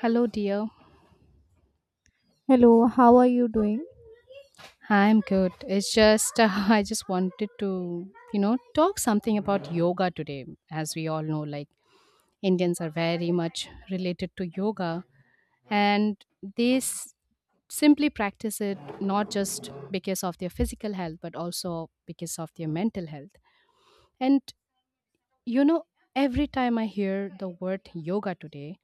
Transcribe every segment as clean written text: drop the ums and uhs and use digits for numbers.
Hello, dear. Hello, how are you doing? I'm good. It's just I just wanted to, you know, talk something about yoga today. As we all know, like Indians are very much related to yoga, and they s- simply practice it not just because of their physical health, but also because of their mental health. And you know, every time I hear the word yoga today,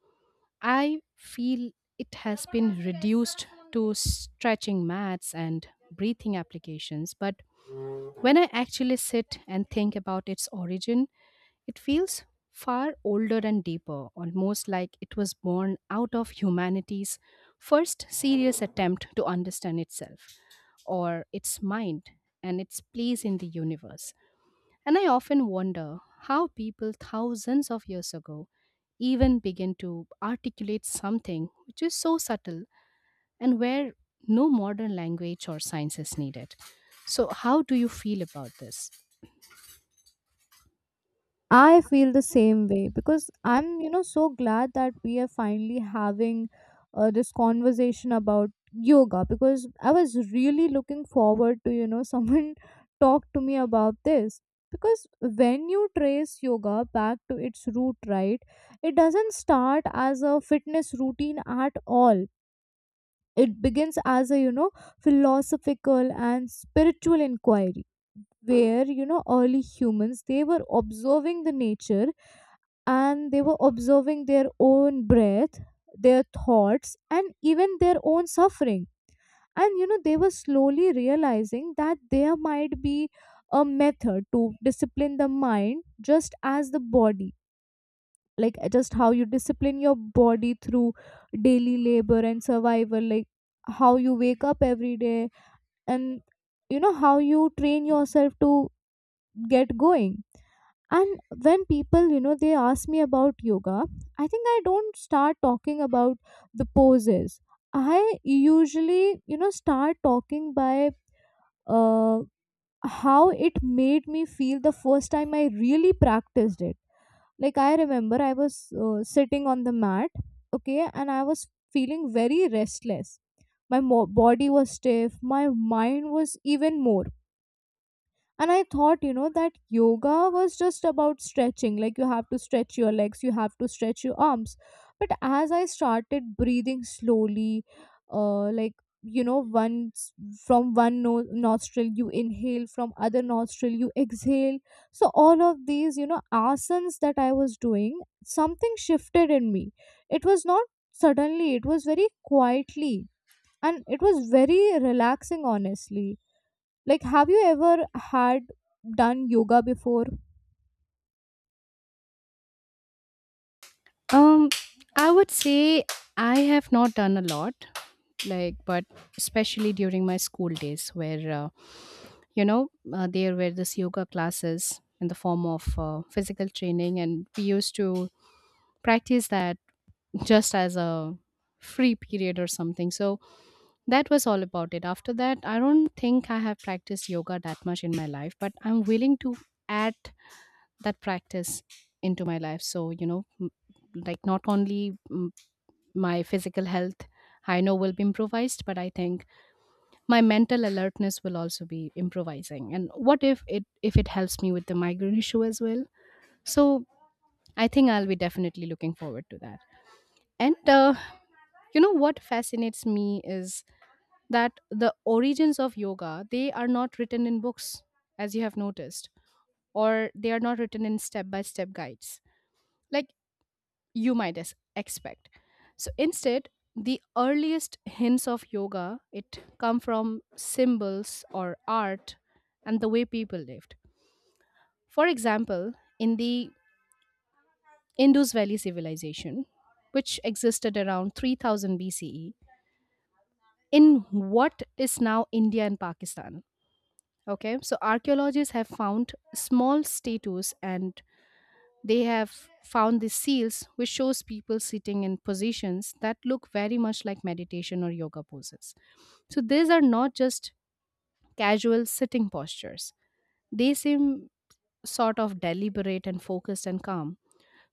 I feel it has been reduced to stretching mats and breathing applications, but when I actually sit and think about its origin, it feels far older and deeper, almost like it was born out of humanity's first serious attempt to understand itself or its mind and its place in the universe. And I often wonder how people thousands of years ago even begin to articulate something which is so subtle and where no modern language or science is needed. So, how do you feel about this? I feel the same way because I'm so glad that we are finally having this conversation about yoga because I was really looking forward to someone talk to me about this. Because when you trace yoga back to its root, right, it doesn't start as a fitness routine at all. It begins as a philosophical and spiritual inquiry where early humans, they were observing the nature, and they were observing their own breath, their thoughts, and even their own suffering. And they were slowly realizing that there might be a method to discipline the mind just as the body, like just how you discipline your body through daily labor and survival, like how you wake up every day. And how you train yourself to get going. And when people, they ask me about yoga, I think I don't start talking about the poses. I usually start talking by uh, how it made me feel the first time I really practiced it. Like I remember I was sitting on the mat, okay, and I was feeling very restless. My body was stiff, my mind was even more. And I thought, that yoga was just about stretching. Like you have to stretch your legs, you have to stretch your arms. But as I started breathing slowly, like, once, from one nostril you inhale, from other nostril you exhale. So all of these, asanas that I was doing, something shifted in me. It was not suddenly, it was very quietly. And it was very relaxing, honestly. Like, have you ever had done yoga before? Um, I would say I have not done a lot, like, but especially during my school days, where there were this yoga classes in the form of physical training, and we used to practice that just as a free period or something. So that was all about it. After that, I don't think I have practiced yoga that much in my life, but I'm willing to add that practice into my life. So, you know, like not only my physical health I know will be improvised, but I think my mental alertness will also be improvising. And what if it helps me with the migraine issue as well? So I think I'll be definitely looking forward to that. And you know what fascinates me is that the origins of yoga, they are not written in books, as you have noticed, or they are not written in step by step guides, like you expect. So instead, the earliest hints of yoga it come from symbols or art and the way people lived. For example, in the Indus Valley civilization, which existed around 3000 BCE, in what is now India and Pakistan. Okay, so archaeologists have found small statues and they have found these seals which shows people sitting in positions that look very much like meditation or yoga poses. So these are not just casual sitting postures. They seem sort of deliberate and focused and calm.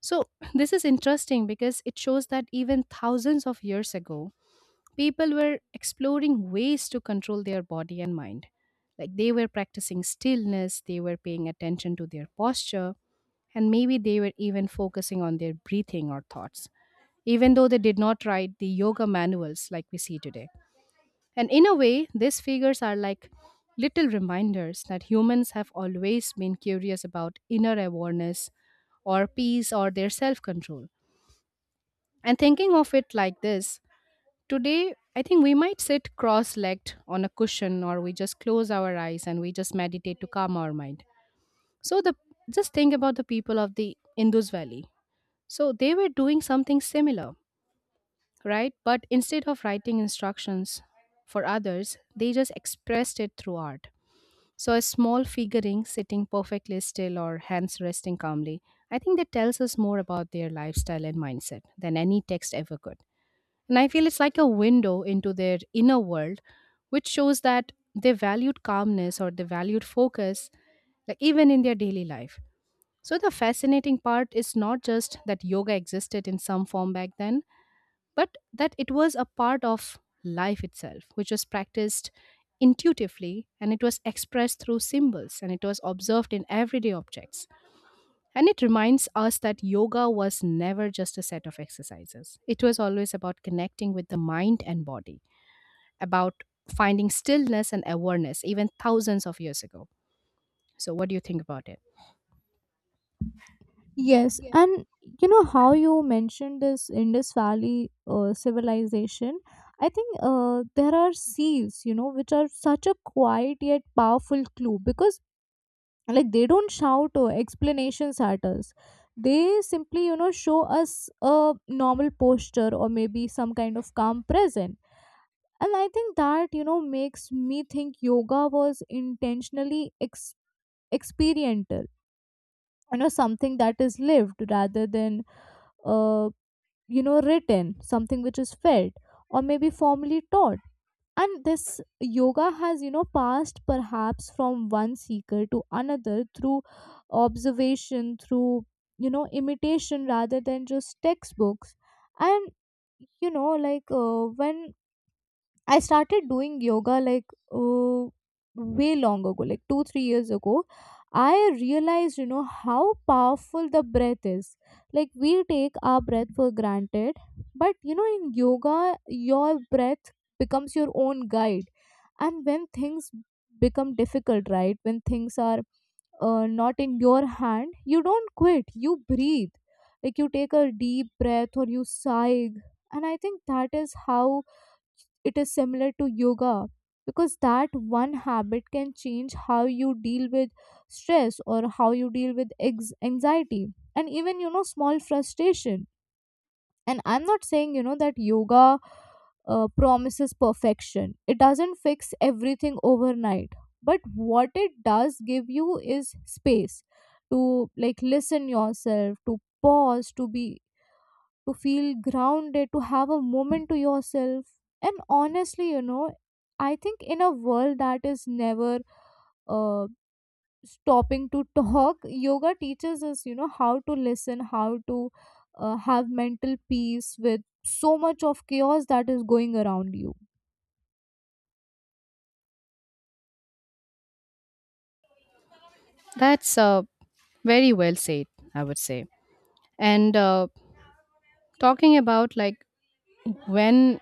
So this is interesting because it shows that even thousands of years ago people were exploring ways to control their body and mind. Like they were practicing stillness, they were paying attention to their posture, and maybe they were even focusing on their breathing or thoughts, even though they did not write the yoga manuals like we see today. And in a way, these figures are like little reminders that humans have always been curious about inner awareness or peace or their self control. And thinking of it like this, today, I think we might sit cross legged on a cushion or we just close our eyes and we just meditate to calm our mind. So, the just think about the people of the Indus Valley. So, they were doing something similar, right? But instead of writing instructions for others, they just expressed it through art. So, a small figurine sitting perfectly still or hands resting calmly, I think that tells us more about their lifestyle and mindset than any text ever could. And I feel it's like a window into their inner world, which shows that they valued calmness or they valued focus, like even in their daily life. So the fascinating part is not just that yoga existed in some form back then, but that it was a part of life itself, which was practiced intuitively and it was expressed through symbols and it was observed in everyday objects. And it reminds us that yoga was never just a set of exercises. It was always about connecting with the mind and body, about finding stillness and awareness, even thousands of years ago. So, what do you think about it? Yes, and how you mentioned this Indus Valley civilization. I think there are seals, which are such a quiet yet powerful clue because, like, they don't shout or explanations at us. They simply, show us a normal posture or maybe some kind of calm present. And I think that makes me think yoga was intentionally experiential, something that is lived rather than uh, written, something which is felt or maybe formally taught. And this yoga has, passed perhaps from one seeker to another through observation, through imitation, rather than just textbooks. And like, when I started doing yoga, like, oh, way long ago, like two, 3 years ago. I realized how powerful the breath is. Like, we take our breath for granted, but in yoga, your breath becomes your own guide. And when things become difficult, right? When things are not in your hand, you don't quit, you breathe. Like, you take a deep breath or you sigh. And I think that is how it is similar to yoga, because that one habit can change how you deal with stress or how you deal with anxiety and even small frustration. And I'm not saying, that yoga promises perfection. It doesn't fix everything overnight. But what it does give you is space to, like, listen yourself, to pause, to be, to feel grounded, to have a moment to yourself. And honestly, I think in a world that is never uh, stopping to talk, yoga teaches us how to listen, how to have mental peace with so much of chaos that is going around you. That's very well said, I would say. And talking about like when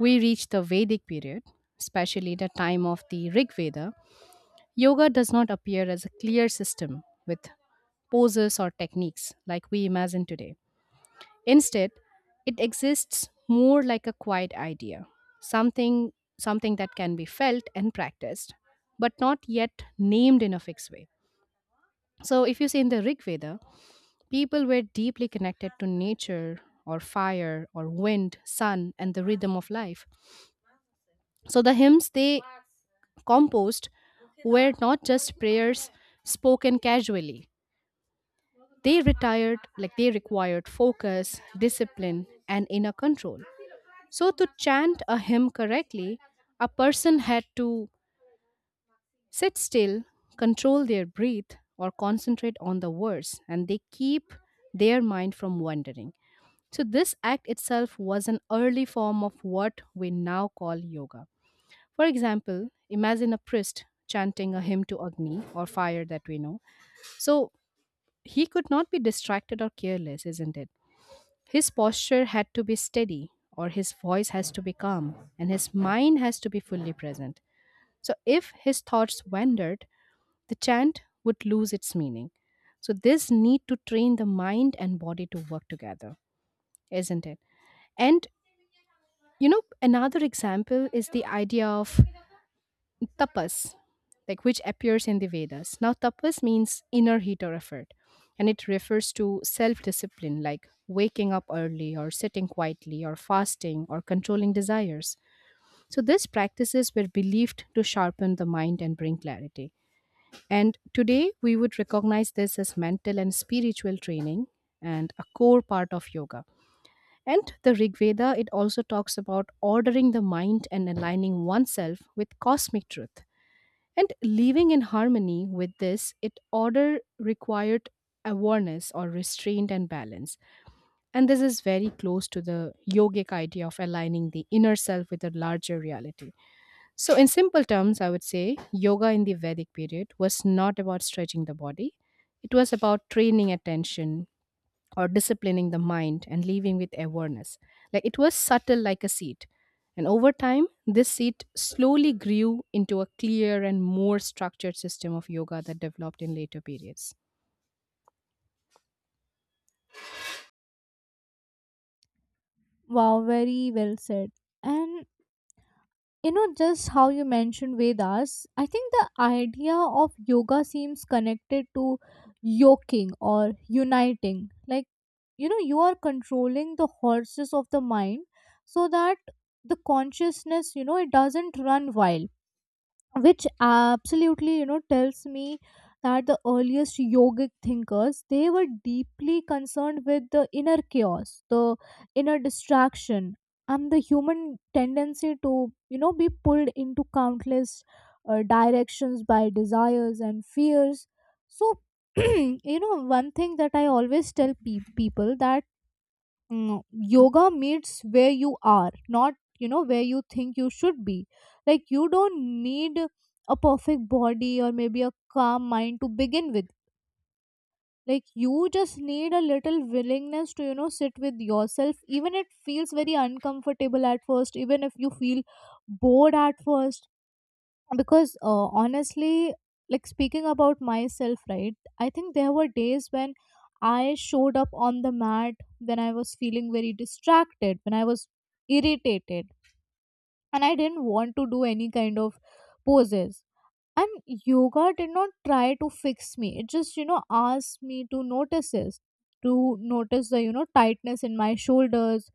we reach the Vedic period, especially the time of the Rig Veda, yoga does not appear as a clear system with poses or techniques like we imagine today. Instead, it exists more like a quiet idea, something something that can be felt and practiced, but not yet named in a fixed way. So if you see in the Rig Veda, people were deeply connected to nature or fire or wind, sun and the rhythm of life. So the hymns they composed were not just prayers spoken casually. They retired like they required focus, discipline and inner control. So, to chant a hymn correctly, a person had to sit still, control their breath, or concentrate on the words, and they keep their mind from wandering. So, this act itself was an early form of what we now call yoga. For example, imagine a priest chanting a hymn to Agni or fire that we know. So, he could not be distracted or careless, isn't it? His posture had to be steady, or his voice has to be calm, and his mind has to be fully present. So, if his thoughts wandered, the chant would lose its meaning. So, this need to train the mind and body to work together, isn't it? And you know, another example is the idea of tapas, like which appears in the Vedas. Now, tapas means inner heat or effort, and it refers to self discipline, like waking up early, or sitting quietly, or fasting, or controlling desires. So, these practices were believed to sharpen the mind and bring clarity. And today, we would recognize this as mental and spiritual training and a core part of yoga. And the Rig Veda, it also talks about ordering the mind and aligning oneself with cosmic truth. And living in harmony with this, it order required awareness or restraint and balance. And this is very close to the yogic idea of aligning the inner self with a larger reality. So, in simple terms, I would say yoga in the Vedic period was not about stretching the body, it was about training attention, or disciplining the mind and leaving with awareness. Like it was subtle like a seed. And over time, this seed slowly grew into a clear and more structured system of yoga that developed in later periods. Wow, very well said. And just how you mentioned Vedas, I think the idea of yoga seems connected to yoking or uniting. Like, you are controlling the horses of the mind so that the consciousness, it doesn't run wild. Which absolutely, tells me that the earliest yogic thinkers, they were deeply concerned with the inner chaos, the inner distraction, and the human tendency to, be pulled into countless directions by desires and fears. So one thing that I always tell people, that mm, yoga meets where you are, not where you think you should be. Like you don't need a perfect body or maybe a calm mind to begin with. Like you just need a little willingness to, sit with yourself, even it feels very uncomfortable at first, even if you feel bored at first. Because honestly, like, speaking about myself, right, I think there were days when I showed up on the mat, when I was feeling very distracted, when I was irritated, and I didn't want to do any kind of poses. And yoga did not try to fix me. It just asked me to notice this, to notice the tightness in my shoulders,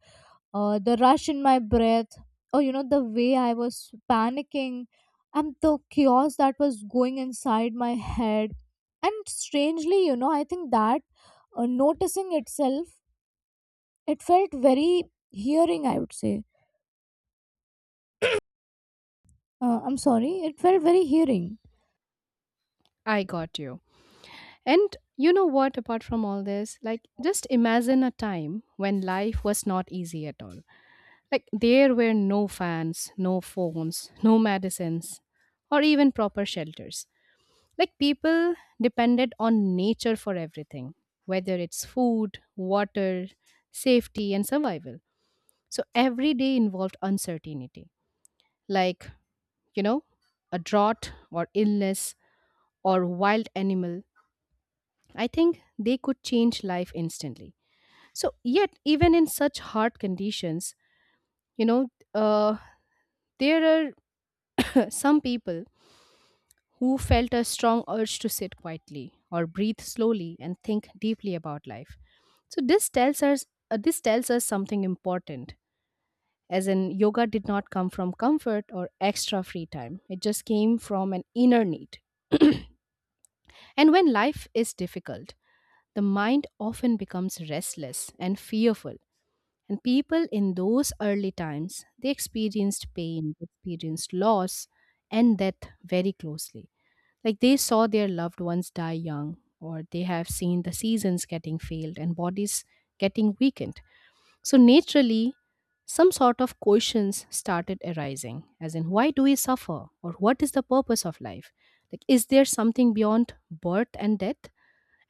the rush in my breath, or the way I was panicking, and the chaos that was going inside my head. And strangely, I think that noticing itself, it felt very hearing, I would say. I'm sorry, it felt very hearing. I got you. And you know what, apart from all this, like just imagine a time when life was not easy at all. Like there were no fans, no phones, no medicines, or even proper shelters. Like people depended on nature for everything, whether it's food, water, safety, and survival. So every day involved uncertainty, like, you know, a drought or illness or wild animal. I think they could change life instantly. So, yet, even in such hard conditions, you know, uh, there are some people who felt a strong urge to sit quietly or breathe slowly and think deeply about life. So this tells us something important as in yoga did not come from comfort or extra free time. It just came from an inner need. And when life is difficult, the mind often becomes restless and fearful. And people in those early times, they experienced pain, experienced loss and death very closely. Like they saw their loved ones die young, or they have seen the seasons getting failed and bodies getting weakened. So, naturally, some sort of questions started arising, as in, why do we suffer? Or what is the purpose of life? Like, is there something beyond birth and death?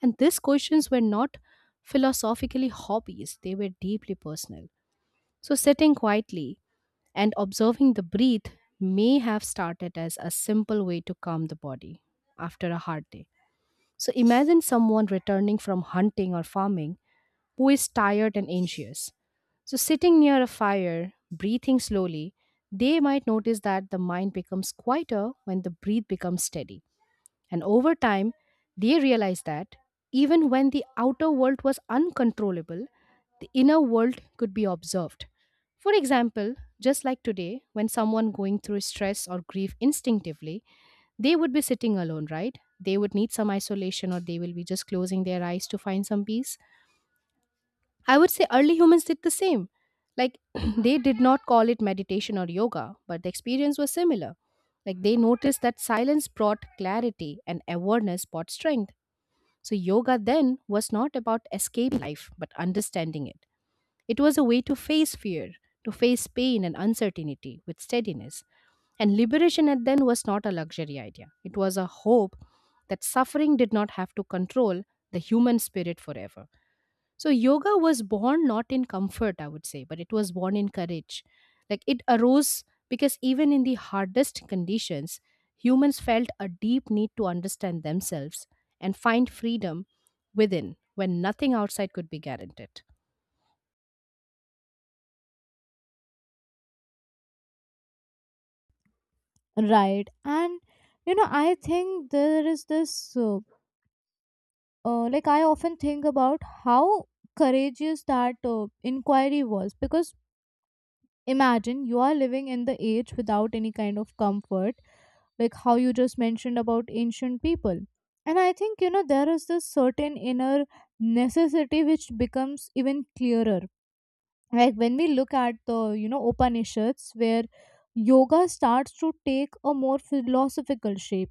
And these questions were not philosophically hobbies, they were deeply personal. So, sitting quietly and observing the breath may have started as a simple way to calm the body after a hard day. So imagine someone returning from hunting or farming who is tired and anxious. So, sitting near a fire, breathing slowly, they might notice that the mind becomes quieter when the breath becomes steady. And over time, they realize that even when the outer world was uncontrollable, the inner world could be observed. For example, just like today, when someone going through stress or grief instinctively, they would be sitting alone, right? They would need some isolation or they will be just closing their eyes to find some peace. I would say early humans did the same. Like they did not call it meditation or yoga, but the experience was similar. Like they noticed that silence brought clarity and awareness brought strength. So yoga then was not about escaping life, but understanding it. It was a way to face fear, to face pain and uncertainty with steadiness. And liberation at then was not a luxury idea. It was a hope that suffering did not have to control the human spirit forever. So yoga was born not in comfort, I would say, but it was born in courage. Like it arose because even in the hardest conditions, humans felt a deep need to understand themselves and find freedom within when nothing outside could be guaranteed. Right. And I think there is this like, I often think about how courageous that inquiry was, because imagine you are living in the age without any kind of comfort, like how you just mentioned about ancient people. And I think, there is this certain inner necessity which becomes even clearer. Like when we look at the, Upanishads, where yoga starts to take a more philosophical shape.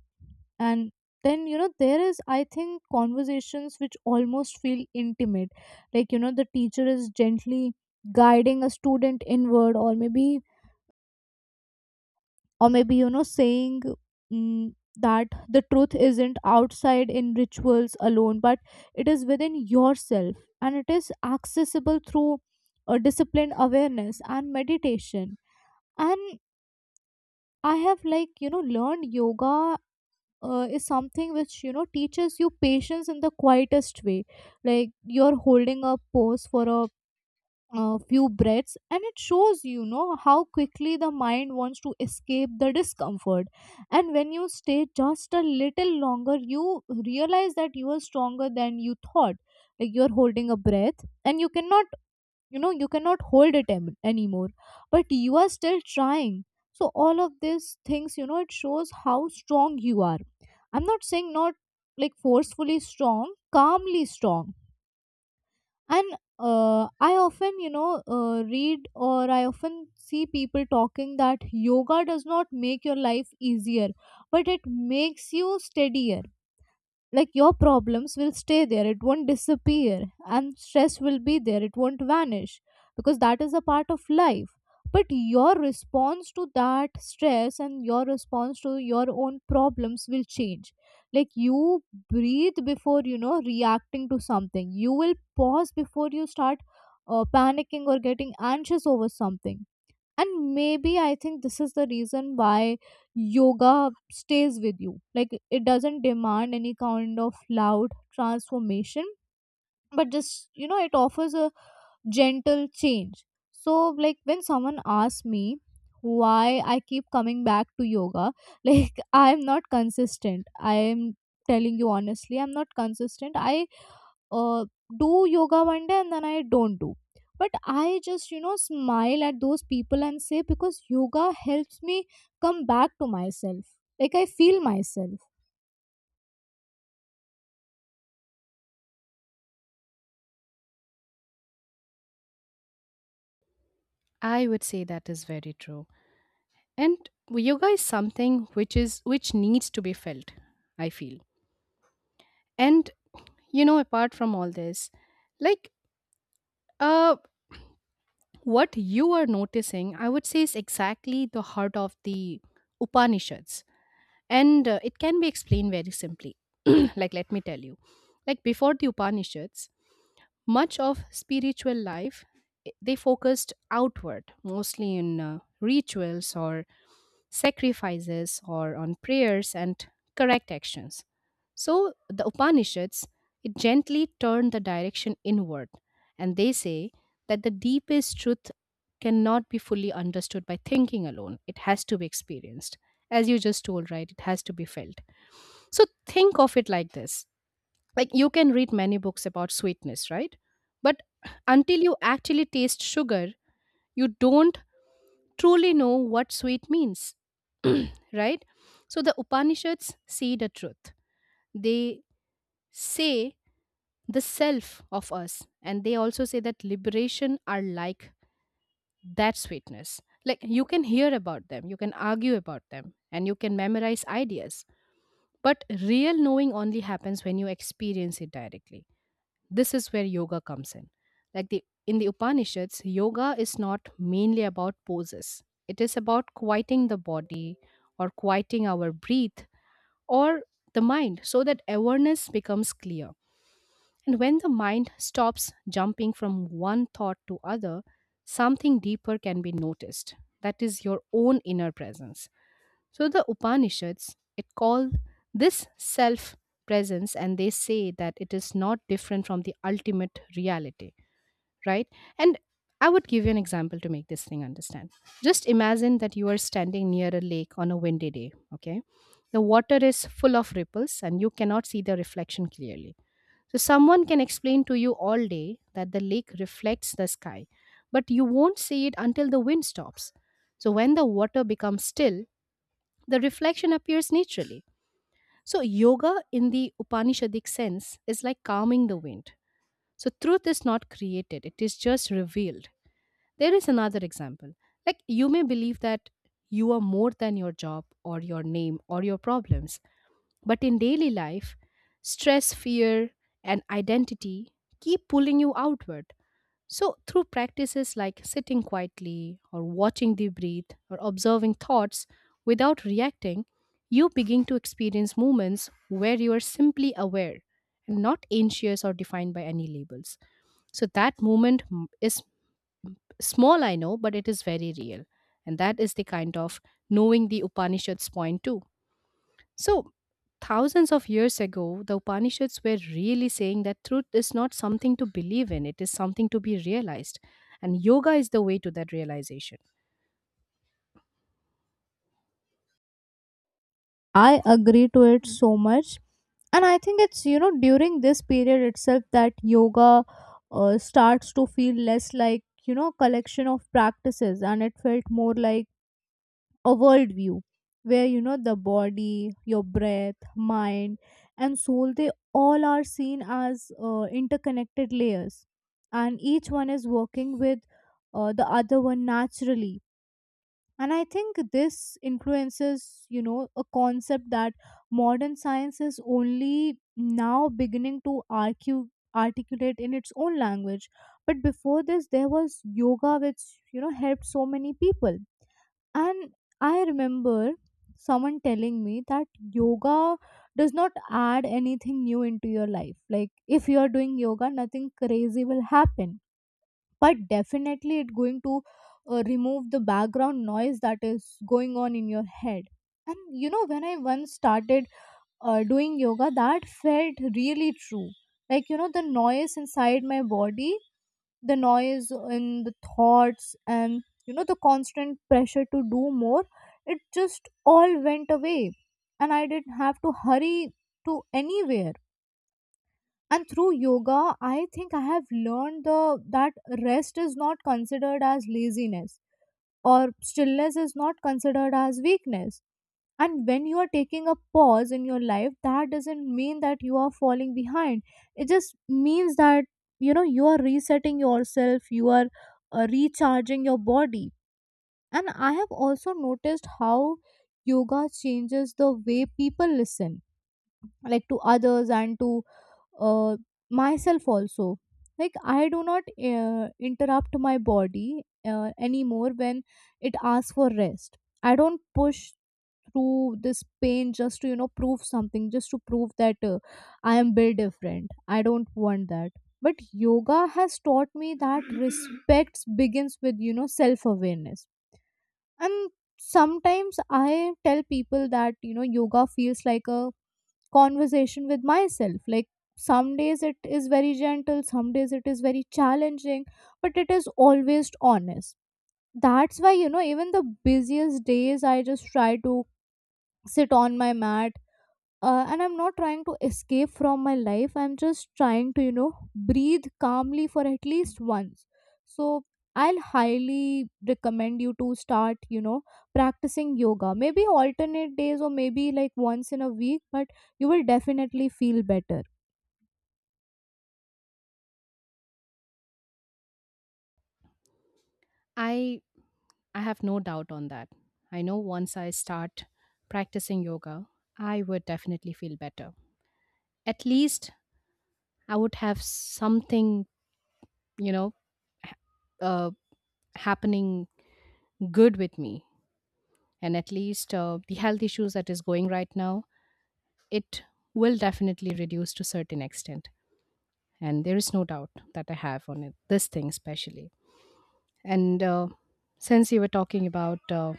And then, there is, I think, conversations which almost feel intimate. Like, the teacher is gently guiding a student inward, or maybe, saying, that the truth isn't outside in rituals alone, but it is within yourself, and it is accessible through a disciplined awareness and meditation. And I have, like, learned yoga is something which, teaches you patience in the quietest way. Like you're holding a pose for a few breaths, and it shows, how quickly the mind wants to escape the discomfort. And when you stay just a little longer, you realize that you are stronger than you thought. Like you're holding a breath and you cannot, you cannot hold it anymore, but you are still trying. So all of these things, it shows how strong you are. I'm not saying not, like, forcefully strong. Calmly strong. And I often, read, or I often see people talking that yoga does not make your life easier, but it makes you steadier. Like your problems will stay there, it won't disappear. And stress will be there, it won't vanish. Because that is a part of life. But your response to that stress and your response to your own problems will change. Like you breathe before, reacting to something, you will pause before you start panicking or getting anxious over something. And maybe I think this is the reason why yoga stays with you. Like, it doesn't demand any kind of loud transformation, but just, it offers a gentle change. So, like, when someone asks me why I keep coming back to yoga, like, I'm not consistent, I'm telling you honestly, I'm not consistent. I uh, do yoga one day and then I don't do. But I just smile at those people and say, because yoga helps me come back to myself. Like I feel myself. I would say that is very true. And yoga is something which needs to be felt, I feel. And you know, apart from all this, like uh what you are noticing, I would say is exactly the heart of the Upanishads. And it can be explained very simply. Like let me tell you. Like before the Upanishads, much of spiritual life, they focused outward, mostly in rituals or sacrifices or on prayers and correct actions. So the Upanishads, it gently turned the direction inward, and they say that the deepest truth cannot be fully understood by thinking alone. It has to be experienced. As you just told, right? It has to be felt. So think of it like this, like you can read many books about sweetness, right? But until you actually taste sugar, you don't truly know what sweet means. Right. So the Upanishads see the truth, they say the self of us, and they also say that liberation are like that sweetness. Like you can hear about them, you can argue about them, and you can memorize ideas, but real knowing only happens when you experience it directly. This is where yoga comes in. Like the in the Upanishads, yoga is not mainly about poses. It is about quieting the body or quieting our breath or the mind so that awareness becomes clear. And when the mind stops jumping from one thought to other, something deeper can be noticed. That is your own inner presence. So the Upanishads, it call this self presence, and they say that it is not different from the ultimate reality, right? And I would give you an example to make this thing understand. Just imagine that you are standing near a lake on a windy day, okay? The water is full of ripples and you cannot see the reflection clearly. So someone can explain to you all day that the lake reflects the sky, but you won't see it until the wind stops. So when the water becomes still, the reflection appears naturally. So, yoga in the Upanishadic sense is like calming the wind. So, truth is not created, it is just revealed. There is another example. Like, you may believe that you are more than your job or your name or your problems, but in daily life, stress, fear, and identity keep pulling you outward. So, through practices like sitting quietly, or watching the breathe, or observing thoughts without reacting, you begin to experience moments where you are simply aware and not anxious or defined by any labels. So, that moment is small, I know, but it is very real. And that is the kind of knowing the Upanishads point to. So, thousands of years ago, the Upanishads were really saying that truth is not something to believe in, it is something to be realized. And yoga is the way to that realization. I agree to it so much. And I think it's during this period itself that yoga starts to feel less like, collection of practices, and it felt more like a worldview where, the body, your breath, mind, and soul, they all are seen as interconnected layers, and each one is working with the other one naturally. And I think this influences, a concept that modern science is only now beginning to argue articulate in its own language. But before this there was yoga which, helped so many people. And I remember someone telling me that yoga does not add anything new into your life. Like if you are doing yoga, nothing crazy will happen. But definitely, it's going to remove the background noise that is going on in your head. And, when I once started doing yoga, that felt really true. Like, the noise inside my body, the noise in the thoughts, and the constant pressure to do more, it just all went away. And I didn't have to hurry to anywhere. And through yoga I think I have learned the that rest is not considered as laziness, or stillness is not considered as weakness. And when you are taking a pause in your life, that doesn't mean that you are falling behind. It just means that, you are resetting yourself, you are recharging your body. And I have also noticed how yoga changes the way people listen, like, to others and to uh, myself also. Like I do not interrupt my body anymore when it asks for rest. I don't push through this pain just to, prove something, just to prove that I am built different. I don't want that. But yoga has taught me that respect begins with, self awareness. And sometimes I tell people that, yoga feels like a conversation with myself. Like, some days it is very gentle, some days it is very challenging, but it is always honest. That's why, even the busiest days, I just try to sit on my mat, and I'm not trying to escape from my life. I'm just trying to, breathe calmly for at least once. So I'll highly recommend you to start, practicing yoga, maybe alternate days or maybe, like, once in a week, but you will definitely feel better. I I have no doubt on that. I know once I start practicing yoga, I would definitely feel better. At least I would have something, you know, uh, happening good with me, and at least the health issues that is going right now, it will definitely reduce to certain extent. And there is no doubt that I have on it this thing especially. And since you were talking about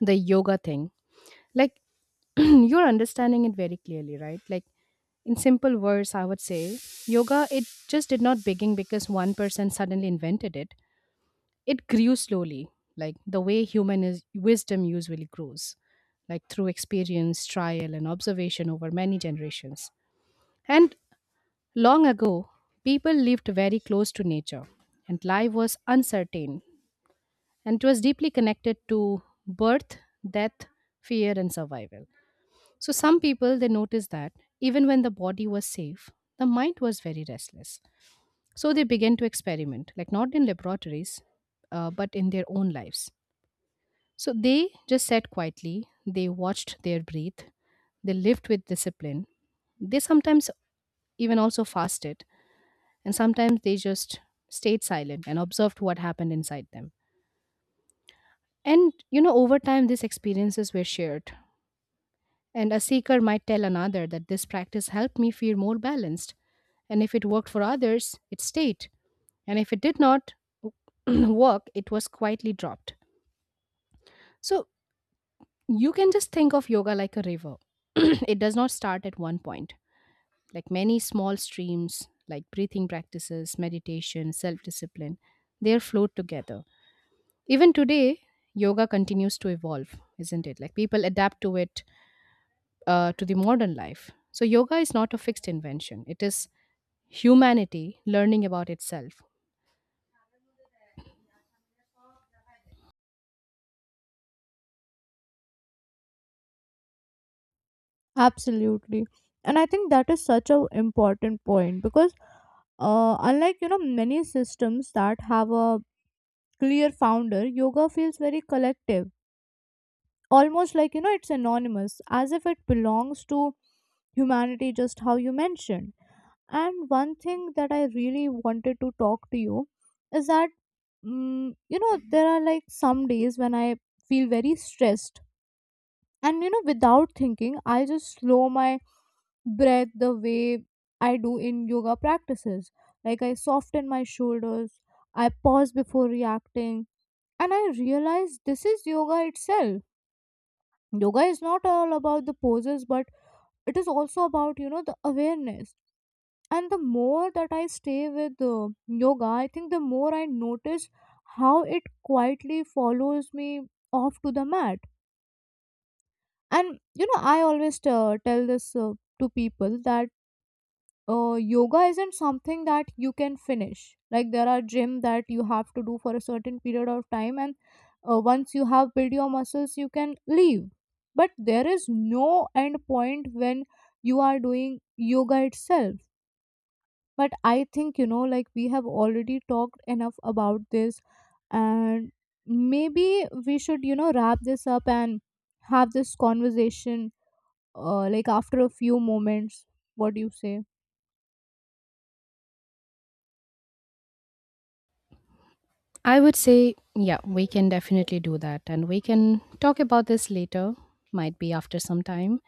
the yoga thing, like you're understanding it very clearly, right? Like in simple words I would say, yoga, it just did not begin because one person suddenly invented it. It grew slowly, like the way human is, wisdom usually grows, like through experience, trial, and observation over many generations. And long ago, people lived very close to nature, and life was uncertain, and it was deeply connected to birth, death, fear, and survival. So, some people they noticed that even when the body was safe, the mind was very restless. So, they began to experiment, like not in laboratories, but in their own lives. So they just sat quietly, they watched their breath. They lived with discipline. They sometimes even also fasted, and sometimes they just stayed silent and observed what happened inside them. And you know, over time, these experiences were shared. And a seeker might tell another that this practice helped me feel more balanced. And if it worked for others, it stayed. And if it did not work, it was quietly dropped. So, you can just think of yoga like a river. It does not start at one point. Like many small streams, like breathing practices, meditation, self discipline, they are flowed together. Even today, yoga continues to evolve, isn't it? Like people adapt to it, to the modern life. So, yoga is not a fixed invention, it is humanity learning about itself. Absolutely. And I think that is such a important point, because unlike, many systems that have a clear founder, yoga feels very collective, almost like, it's anonymous, as if it belongs to humanity, just how you mentioned. And one thing that I really wanted to talk to you is that, there are, like, some days when I feel very stressed. And, without thinking, I just slow my breath the way I do in yoga practices. Like I soften my shoulders, I pause before reacting, and I realize this is yoga itself. Yoga is not all about the poses, but it is also about, the awareness. And the more that I stay with yoga, I think, the more I notice how it quietly follows me off to the mat. And, I always tell this to people that yoga isn't something that you can finish. Like, there are gym that you have to do for a certain period of time, and once you have built your muscles you can leave. But there is no end point when you are doing yoga itself. But I think, like, we have already talked enough about this, and maybe we should, wrap this up and have this conversation like, after a few moments. What do you say? I would say, yeah, we can definitely do that. And we can talk about this later, might be after some time.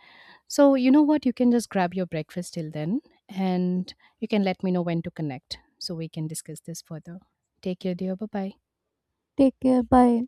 So, you know what? You can just grab your breakfast till then, and you can let me know when to connect so we can discuss this further. Take care, dear. Bye bye. Take care, bye.